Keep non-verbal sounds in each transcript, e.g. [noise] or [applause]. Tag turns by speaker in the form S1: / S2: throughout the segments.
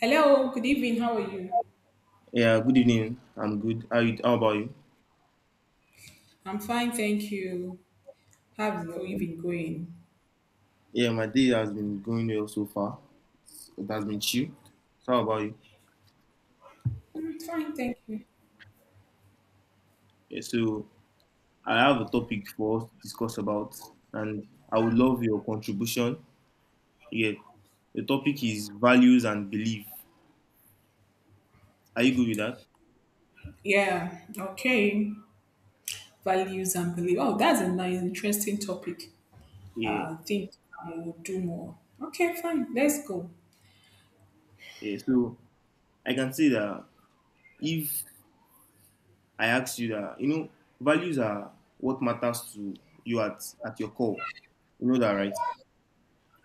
S1: Hello, good evening. How are you?
S2: Yeah, good evening. I'm good. How about you?
S1: I'm fine, thank you. How's your evening going?
S2: Yeah, my day has been going well so far. It has been chill. So how about you?
S1: Fine, thank you.
S2: Yeah, so I have a topic for us to discuss about, and I would love your contribution. Yeah, the topic is values and belief. Are you good with that?
S1: Yeah, okay. Values and belief. Oh, that's a nice, interesting topic.
S2: Yeah,
S1: I think I will do more. Okay, fine. Let's go.
S2: yeah. So I can say that if I ask you that, values are what matters to you at your core. You know that, right?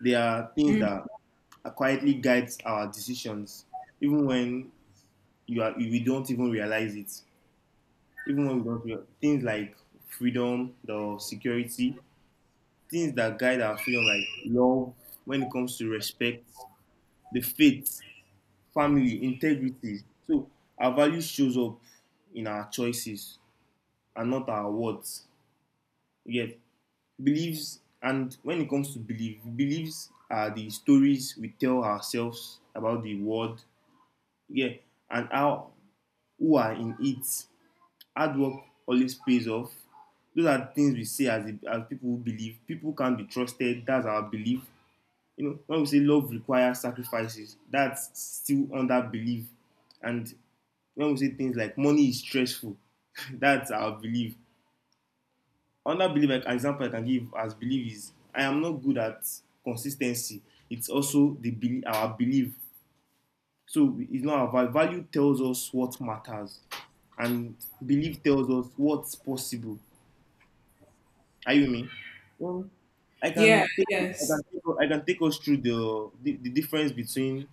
S2: There are things that quietly guides our decisions, even when you are we don't even realize it. Even when we don't realize things like freedom, the security, things that guide our freedom, like love, when it comes to respect, the faith, family, integrity. So our value shows up in our choices and not our words. Yet beliefs and when it comes to belief, beliefs are the stories we tell ourselves about the world. Yeah, and how who are in it. Hard work always pays off. Those are things we say as people who believe. People can't be trusted. That's our belief. You know, when we say love requires sacrifices, that's still under belief. And when we say things like money is stressful, [laughs] that's our belief. Under belief, like, an example I can give as belief is I am not good at consistency. It's also the belief, our belief. So it's not our value. Value tells us what matters, and belief tells us what's possible. Are you me? Well, I
S1: Yeah,
S2: can take, I can
S1: yes.
S2: take, I can take us through the difference between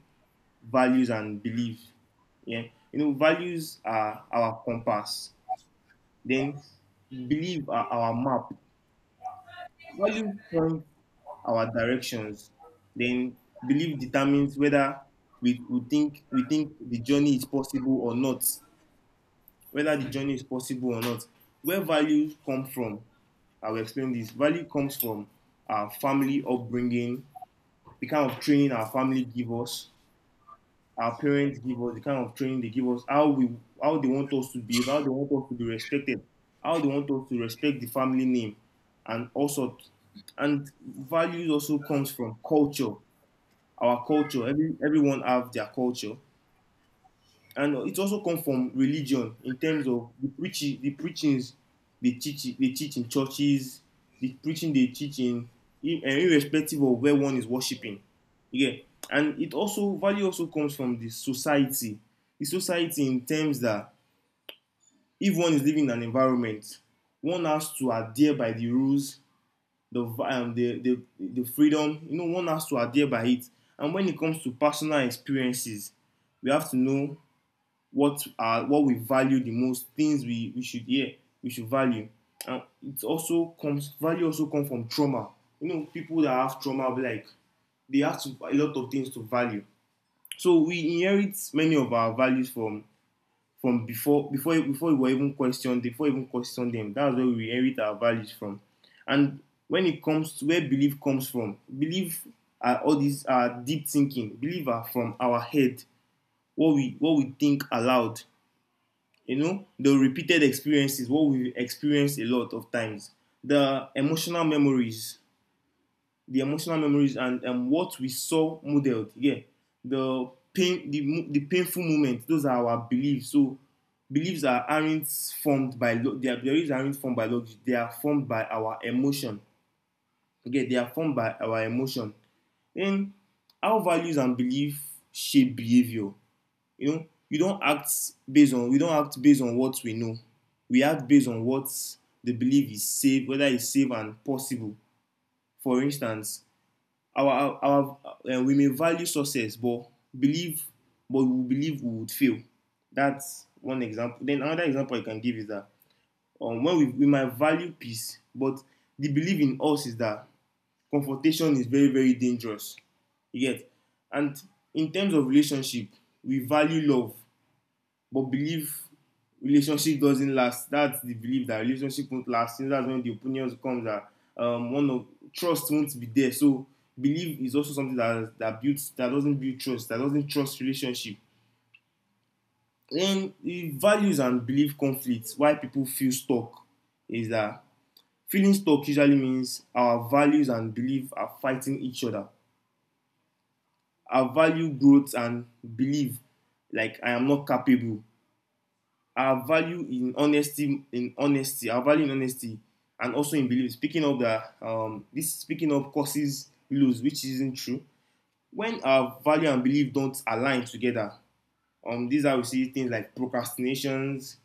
S2: values and belief. Yeah, you know, values are our compass. Then belief are our map. Values point our directions. Then belief determines whether we think the journey is possible or not. Whether the journey is possible or not. Where value come from, I will explain this. Value comes from our family upbringing, the kind of training our family give us, our parents give us, the kind of training they give us, how they want us to behave, how they want us to be respected, how they want us to respect the family name, and also and values also comes from culture. Our culture, everyone have their culture, and it also comes from religion in terms of the preaching, the preachings they teach in churches, the preaching they teach in irrespective of where one is worshiping. Yeah, and it also value also comes from the society in terms that if one is living in an environment, one has to adhere by the rules, the vi- the freedom. You know, one has to adhere by it. And when it comes to personal experiences, we have to know what we value the most, things we should hear, we should value. And it also comes value also comes from trauma. You know, people that have trauma like they have to a lot of things to value. So we inherit many of our values from from before we were even questioned, before we even questioned them. That's where we inherit our values from. And when it comes to where belief comes from, belief are all these are deep thinking. Belief are from our head, what we think aloud. You know, the repeated experiences, what we experienced a lot of times, the emotional memories the emotional memories, and what we saw modeled. Yeah, the painful moments, those are our beliefs. So beliefs are aren't formed by lo- their beliefs aren't formed by logic, they are formed by our emotion. Okay, they are formed by our emotion. Then how values and belief shape behavior. You know, you don't act based on we don't act based on what we know. We act based on what the belief is safe, whether it's safe and possible. For instance, our we may value success, but believe, we believe we would fail. That's one example. Then another example I can give is that when we might value peace, but the belief in us is that confrontation is very dangerous. You get, and in terms of relationship, we value love, but believe relationship doesn't last. That's the belief that relationship won't last. Since that's when the opinions come that one of trust won't be there. So belief is also something that that builds that doesn't build trust, that doesn't trust relationship. Then the values and belief conflicts. Why people feel stuck is that feeling stuck usually means our values and belief are fighting each other. Our value growth and belief, like I am not capable, our value in honesty, and also in belief speaking of that, this speaking of causes loss, which isn't true. When our value and belief don't align together, these are we see things like procrastinations,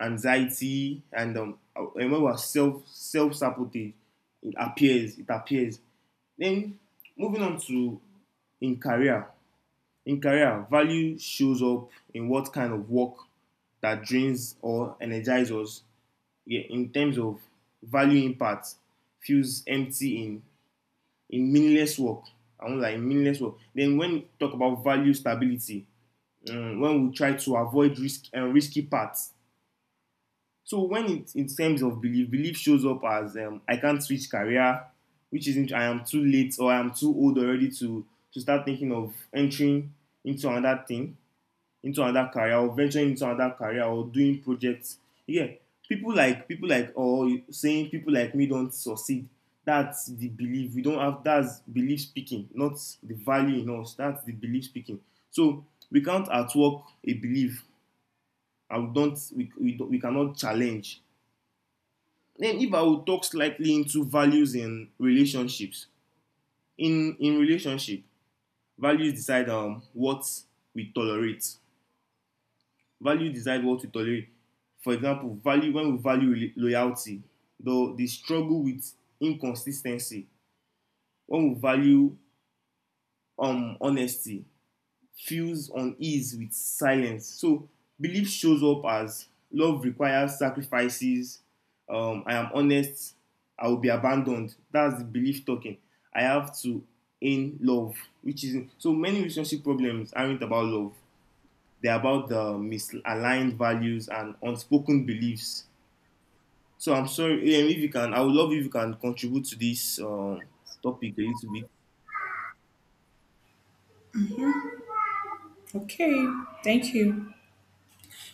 S2: anxiety, and when we're self sabotage, it appears. Then moving on to in career, in career value shows up in what kind of work that drains or energizes us. Yeah, in terms of value impact, feels empty in meaningless work. I won't like meaningless work. Then when we talk about value stability, when we try to avoid risk and risky paths. So when it in terms of belief, belief shows up as I can't switch career, which isn't, I am too late or I am too old already to start thinking of entering into another thing, into another career, or venturing into another career or doing projects. Yeah, people like, or saying people like me don't succeed. That's the belief. We don't have, that's belief speaking, not the value in us. That's the belief speaking. So we can't at work a belief, and we cannot challenge. Then if I will talk slightly into values in relationships. In relationship, values decide what we tolerate. Value decides what we tolerate. For example, value when we loyalty, the struggle with inconsistency. When we value honesty, feels unease with silence. So belief shows up as love requires sacrifices. I am honest. I will be abandoned. That's the belief talking. I have to in love, which is so many relationship problems aren't about love. They're about the misaligned values and unspoken beliefs. So I'm sorry, AM, if you can, I would love if you can contribute to this topic a little bit.
S1: Okay, thank you.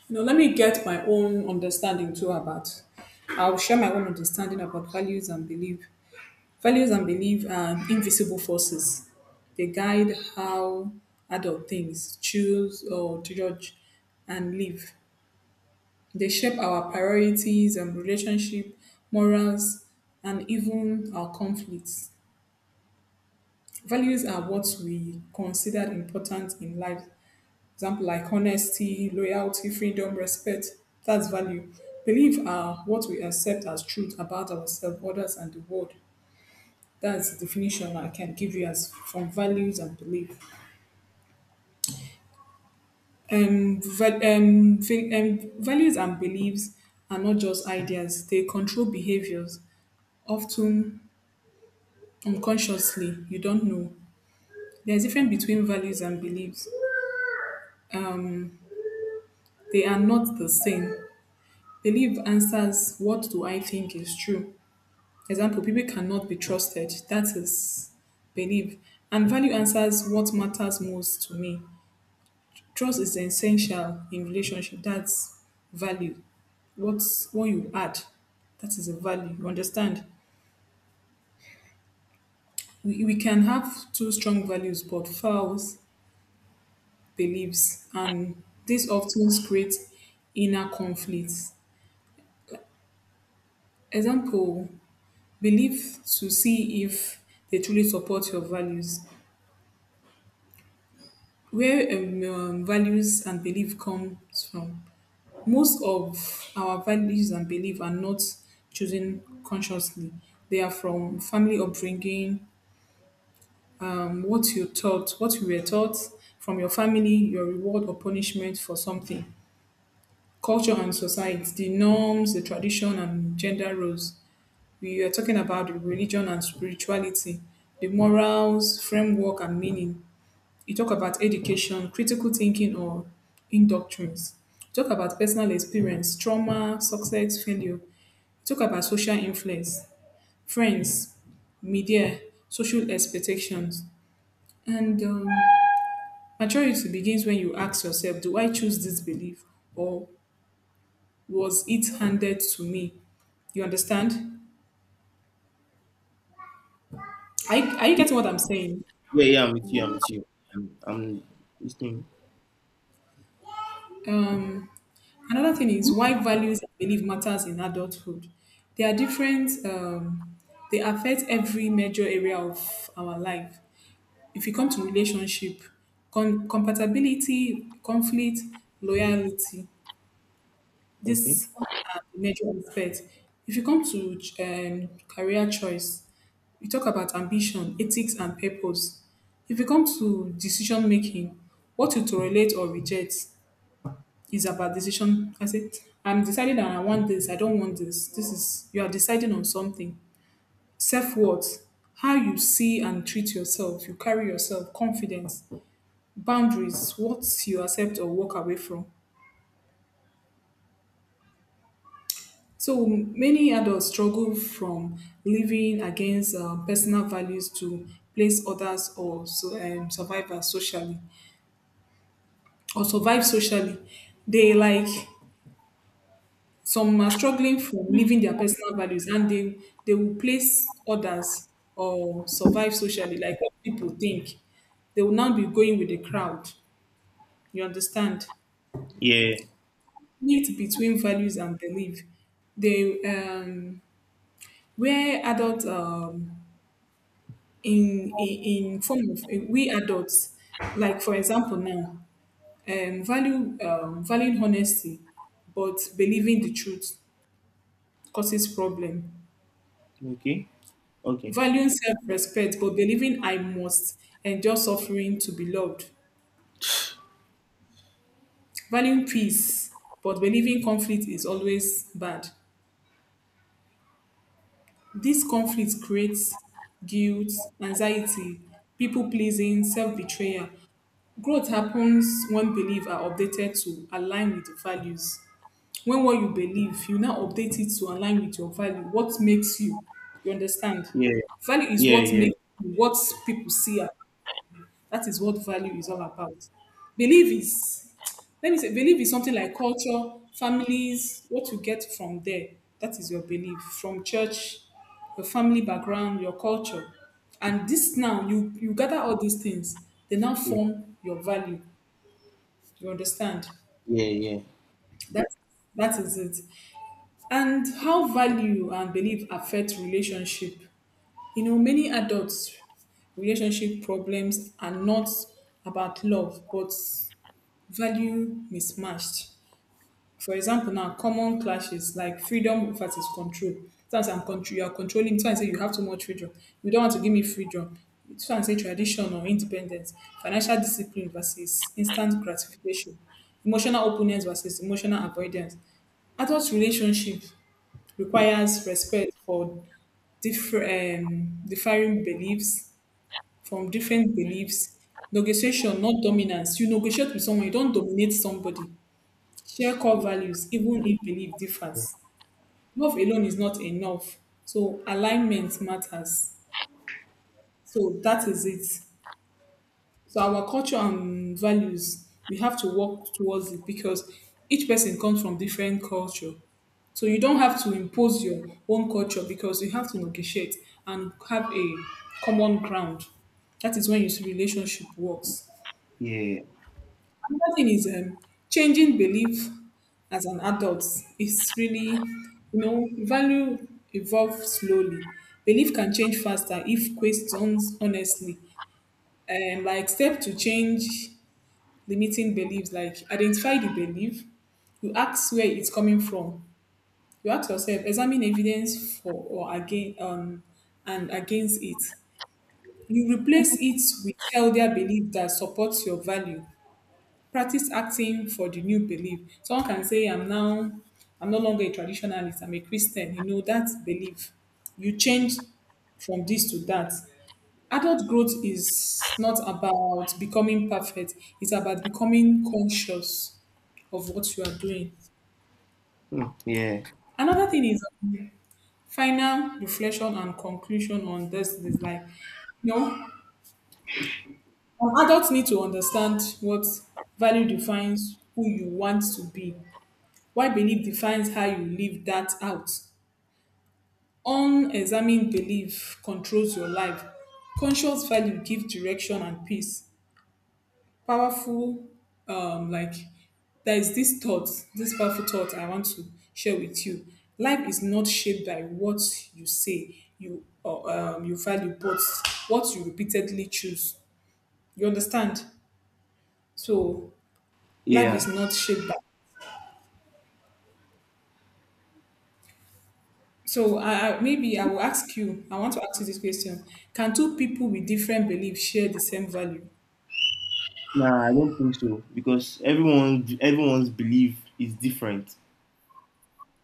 S1: Now, let me get my own understanding too about. I'll share my own understanding about values and belief. Values and beliefs are invisible forces. They guide how adult things choose or judge and live. They shape our priorities and relationship, morals, and even our conflicts. Values are what we consider important in life. Example like honesty, loyalty, freedom, respect. That's value. Beliefs are what we accept as truth about ourselves, others, and the world. That's the definition I can give you as from values and belief. Values and beliefs are not just ideas; they control behaviors, often unconsciously. You don't know. There's a difference between values and beliefs. They are not the same. Belief answers what do I think is true. Example: people cannot be trusted. That is belief, and value answers what matters most to me. Trust is essential in relationship. That's value. What's what you add, that is a value. You understand? We can have two strong values but false beliefs, and this often creates inner conflicts. Example: belief to see if they truly support your values. Where values and belief comes from. Most of our values and belief are not chosen consciously. They are from family upbringing, what you taught, what you were taught from your family, your reward or punishment for something, culture and society, the norms, the tradition and gender roles. We are talking about the religion and spirituality, the morals, framework and meaning. You talk about education, critical thinking or indoctrines. Talk about personal experience, trauma, success, failure. Talk about social influence, friends, media, social expectations, and maturity begins when you ask yourself, do I choose this belief or was it handed to me? You understand? Are you getting what I'm saying?
S2: Yeah, I'm with you. I'm with you. I'm listening.
S1: Um, Another thing is why values and belief matters in adulthood. They are different. They affect every major area of our life. If you come to relationship, com- compatibility, conflict, loyalty,
S2: Okay.
S1: this are the major aspect. If you come to career choice, we talk about ambition, ethics and purpose. If you come to decision making, what you tolerate or reject, is about decision. I say I'm deciding that I want this, I don't want this, this is you are deciding on something. Self-worth, how you see and treat yourself, you carry yourself, confidence, boundaries, what you accept or walk away from. So many adults struggle from living against personal values to place others or so, survive as socially or survive socially. They like, some are struggling from living their personal values and they will place others or survive socially like what people think. They will not be going with the crowd. You understand?
S2: Yeah.
S1: Meet between values and belief, they where adults in in form of we adults, like for example now, value valuing honesty but believing the truth causes problem.
S2: Okay. Okay.
S1: Valuing self-respect but believing I must endure suffering to be loved. Valuing peace but believing conflict is always bad. This conflict creates guilt, anxiety, people pleasing, self-betrayal. Growth happens when beliefs are updated to align with your values. When what you believe, you now update it to align with your value. What makes you? You understand?
S2: Yeah.
S1: Value is
S2: Yeah.
S1: what
S2: Yeah.
S1: makes you, what people see. As- That is what value is all about. Belief is, let me say, belief is something like culture, families, what you get from there. That is your belief from church, your family background, your culture. And this now, you gather all these things, they now
S2: Yeah.
S1: form your value. You understand?
S2: Yeah. Yeah.
S1: That that is it. And how value and belief affect relationship. You know, many adults relationship problems are not about love, but value mismatched. For example, now common clashes like freedom versus control. Sometimes I'm control, you are controlling. Sometimes say you have too much freedom. You don't want to give me freedom. Sometimes say tradition or independence. Financial discipline versus instant gratification. Emotional openness versus emotional avoidance. Adult relationship requires respect for different differing beliefs from different beliefs. Negotiation, not dominance. You negotiate with someone. You don't dominate somebody. Share core values even if belief differs. Love alone is not enough. So alignment matters. So that is it. So our culture and values, we have to work towards it because each person comes from different culture. So you don't have to impose your own culture because you have to negotiate and have a common ground. That is when your relationship works.
S2: Yeah.
S1: Another thing is changing belief as an adult is really, you know, value evolves slowly. Belief can change faster if questions honestly. Like step to change limiting beliefs, like identify the belief, you ask where it's coming from. You ask yourself, examine evidence for or again and against it. You replace it with healthier belief that supports your value, practice acting for the new belief. Someone can say, I'm now, I'm no longer a traditionalist, I'm a Christian. You know, that belief. You change from this to that. Adult growth is not about becoming perfect, it's about becoming conscious of what you are doing.
S2: Hmm. Yeah.
S1: Another thing is final reflection and conclusion on this is like, you know, adults need to understand what value defines who you want to be. Why belief defines how you live that out. Unexamined belief controls your life. Conscious value give direction and peace. Powerful, like there is this thought, this powerful thought I want to share with you. Life is not shaped by what you say you or you value, but what you repeatedly choose. You understand? So life
S2: Yeah.
S1: is not shaped by. So I maybe I will ask you, I want to ask you this question. Can two people with different beliefs share the same value?
S2: Nah, I don't think so because everyone's belief is different.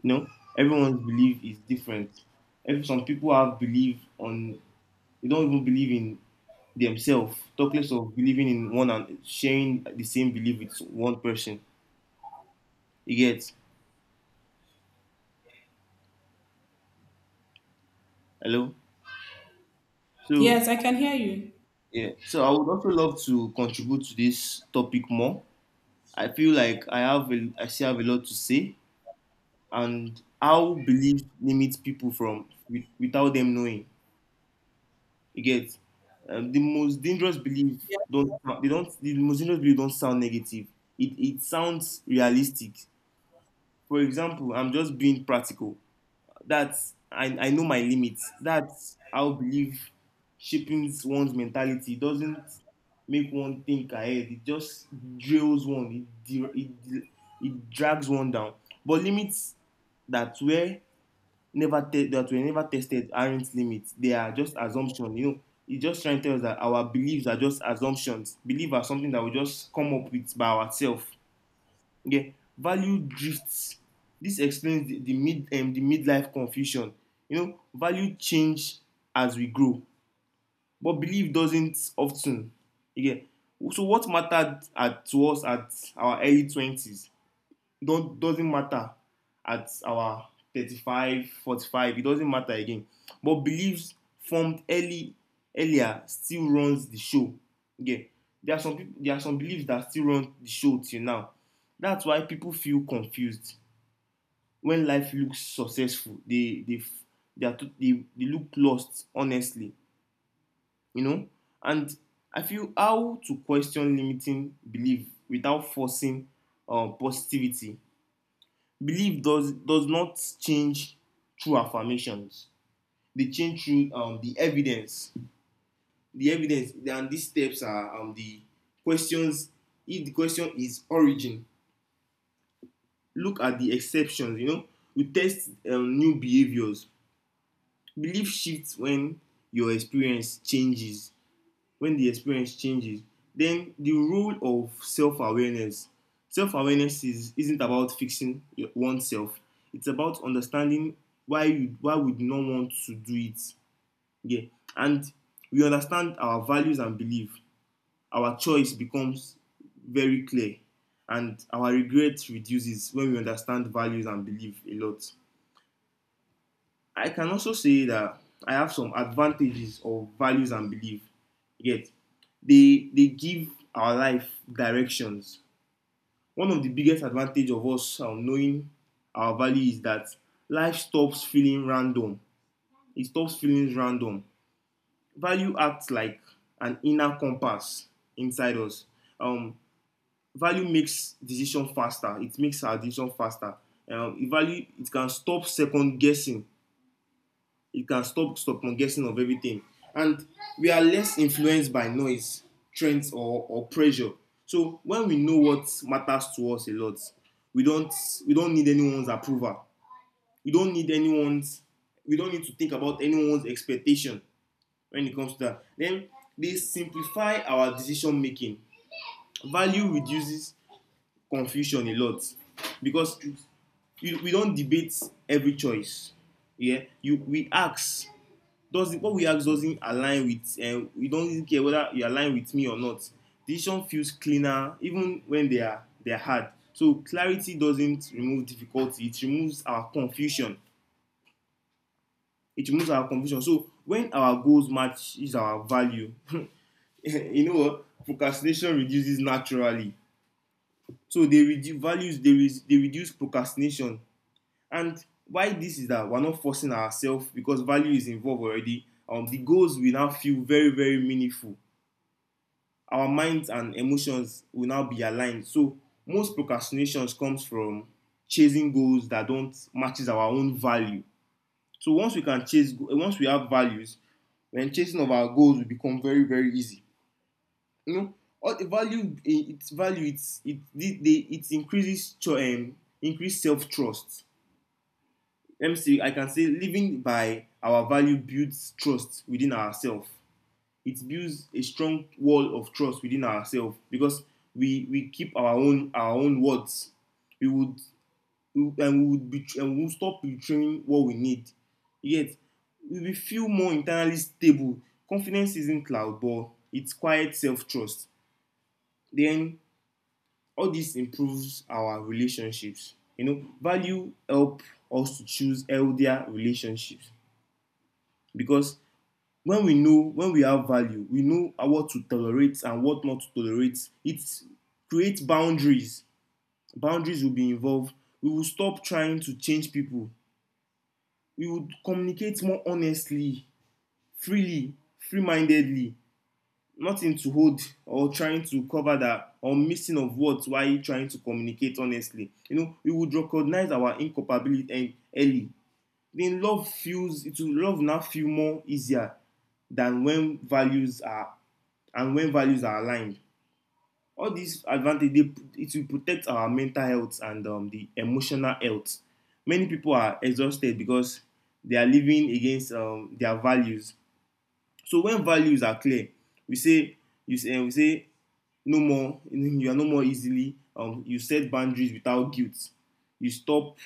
S2: You know, everyone's belief is different. If some people have belief on, they don't even believe in themselves. Talk less of believing in one and sharing the same belief with one person. You get, hello? So
S1: Yes, I can hear you.
S2: yeah. So I would also love to contribute to this topic more. I feel like I still have a lot to say, and how belief limits people from, with, without them knowing. You get, um, the most dangerous belief
S1: Yes.
S2: don't the most dangerous belief don't sound negative. It sounds realistic. For example, I'm just being practical. That's I know my limits. That's how believe shaping one's mentality. It doesn't make one think ahead. It just drills one. It drags one down. But limits that were never te- that were never tested aren't limits. They are just assumptions. You know, it just trying to tell us that our beliefs are just assumptions. Beliefs are something that we just come up with by ourselves. Yeah, value drifts. This explains the midlife confusion. You know, value change as we grow, but belief doesn't often. Yeah. So what mattered at to us at our early 20s don't doesn't matter at our 35 45, it doesn't matter again. But beliefs formed early earlier still runs the show. Yeah, there are some people, there are some beliefs that still run the show till now. That's why people feel confused. When life looks successful, they look lost honestly, you know. And I feel how to question limiting belief without forcing positivity. Belief does not change through affirmations. They change through the evidence. The evidence, and these steps are the questions. If the question is origin, look at the exceptions. You know, we test new behaviors. Belief shifts when your experience changes, when the experience changes. Then the role of self awareness. Self awareness is isn't about fixing oneself. It's about understanding why we do not want to do it. Yeah, and we understand our values and belief. Our choice becomes very clear, and our regret reduces when we understand values and belief a lot. I can also say that I have some advantages of values and belief. Yet they give our life directions. One of the biggest advantage of us knowing our value is that life stops feeling random. It stops feeling random. Value acts like an inner compass inside us. Um, Value makes decision faster. It makes our decision faster. Value, it can stop second guessing. It can stop guessing of everything, and we are less influenced by noise, trends or pressure. So when we know what matters to us a lot, we don't we don't need anyone's approval, we don't need anyone's we don't need to think about anyone's expectation. When it comes to that, then they simplify our decision making. Value reduces confusion a lot, because we don't debate every choice. Yeah, you we ask doesn't what we ask doesn't align with, we don't even care whether you align with me or not. Decision feels cleaner even when they are hard. So clarity doesn't remove difficulty, it removes our confusion. It removes our confusion. So when our goals match is our value, [laughs] you know what, procrastination reduces naturally. So they reduce values, they reduce procrastination. And why this is that we're not forcing ourselves, because value is involved already. The goals will now feel very very meaningful. Our minds and emotions will now be aligned. So most procrastinations comes from chasing goals that don't matches our own value. So once we can chase, once we have values, then chasing of our goals will become very very easy. You know, all the value, its value, it's it the, it increases increase self trust. Let me see. I can say living by our value builds trust within ourselves. It builds a strong wall of trust within ourselves, because we keep our own words. We would we would be, and we would stop betraying what we need. Yet we feel more internally stable. Confidence isn't loud, but it's quiet self trust. Then all this improves our relationships. You know, value help us to choose healthier relationships, because when we know, when we have value, we know what to tolerate and what not to tolerate. It creates boundaries. Boundaries will be involved. We will stop trying to change people. We would communicate more honestly, freely, free-mindedly, nothing to hold or trying to cover that or missing of words while trying to communicate honestly. You know, we would recognize our incompatibility early. Then love feels, it will love now feel more easier than when values are, and when values are aligned. All these advantages, it will protect our mental health and the emotional health. Many people are exhausted because they are living against their values. So when values are clear, we say, we say no more, you are no more easily, you set boundaries without guilt, you stop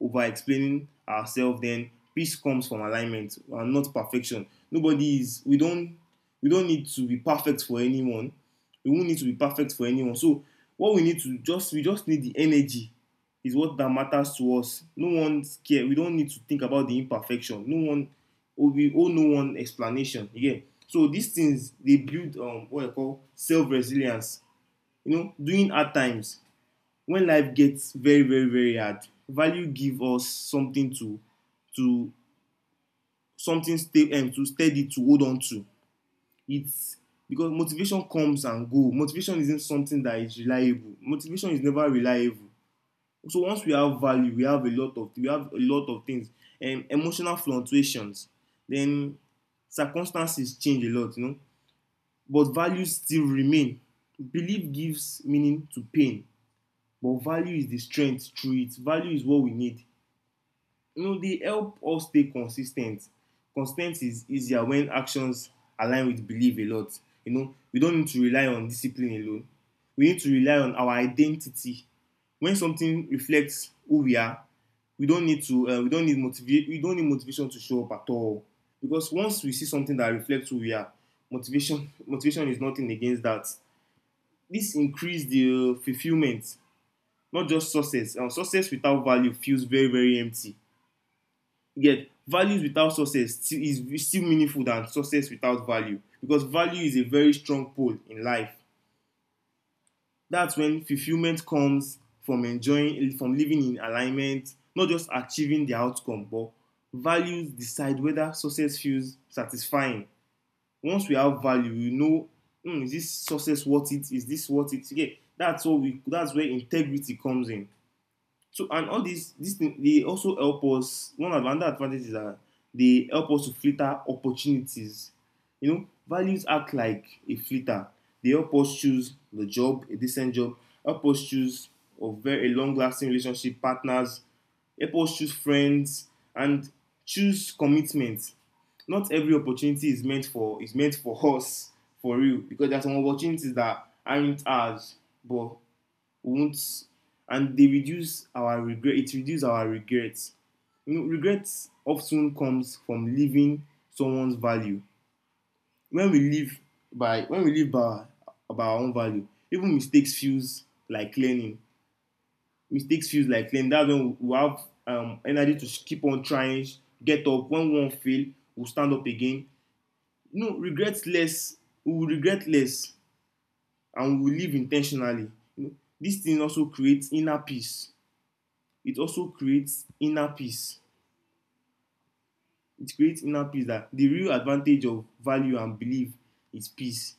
S2: over explaining ourselves. Then peace comes from alignment and not perfection. Nobody is, we don't need to be perfect for anyone. We won't need to be perfect for anyone. So what we need to just we just need the energy, is what that matters to us. No one's care, we don't need to think about the imperfection, no one, or we all know one explanation you get. So these things dey build what I call self resilience. You know, during hard times, when life gets very very very hard, value give us something to something stay, to steady, to hold on to. It's because motivation comes and go. Motivation isn't something that is reliable. Motivation is never reliable. So once we have value, we have a lot of, we have a lot of things, emotional fluctuations. Then circumstances change a lot, you know, but values still remain. Belief gives meaning to pain, but value is the strength through it. Value is what we need. You know, they help us stay consistent. Consistency is easier when actions align with belief a lot. You know, we don't need to rely on discipline alone, we need to rely on our identity. When something reflects who we are, we don't need to we don't need motivate, we don't need motivation to show up at all, because once we see something that reflects who we are, motivation is nothing against that. This increase the fulfillment, not just success. And success without value feels very very empty. Get values without success still is still meaningful than success without value, because value is a very strong pole in life. That's when fulfilment comes from enjoying, from living in alignment, not just achieving the outcome. But values decide whether success feels satisfying. Once we have value, we know, hmm, is this success worth it, is this worth it? Yeah, that's what we, that's where integrity comes in. So and all these things, they also help us. One of another advantage is that they help us to filter opportunities. You know, values act like a filter. They help us choose the job, a decent job, help us choose of very long lasting relationship partners, help us choose friends and choose commitment. Not every opportunity is meant for, is meant for [laughs] us, for real, because there are some opportunities that aren't ours, but won't. And they reduce our regret, it reduces our regrets. You know, regret often comes from leaving someone's value. When we live by, by our own value, even mistakes feels like learning. Mistakes feels like learning. That's when we have energy to keep on trying, get up when one fail, we'll stand up again. You know, regret less, we will regret less, and we will live intentionally. You know, this thing also creates inner peace. It also creates inner peace. It creates inner peace, that the real advantage of value and belief is peace.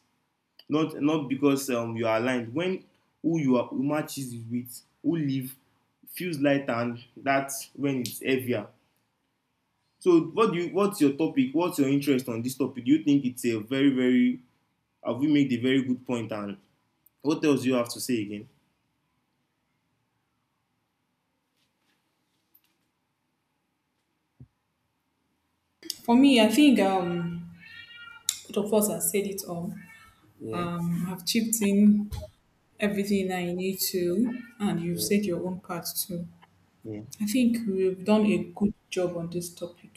S2: Not not because you are aligned, when who you are who matches with who live feels lighter, and that's when it's heavier. So what's your topic, what's your interest on this topic, do you think it's a very very, have we made a very good point, and what else do you have to say again?
S1: For me, I think both of us have said it all.
S2: Yeah.
S1: I've chipped in everything I need to, and you've
S2: Yeah.
S1: said your own part too.
S2: Yeah.
S1: I think we've done a good job on this topic.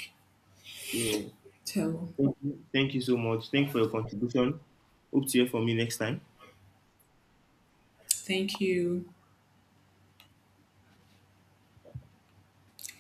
S2: Yeah,
S1: So,
S2: thank you so much, thank you for your contribution. Hope to hear from you next time.
S1: thank you.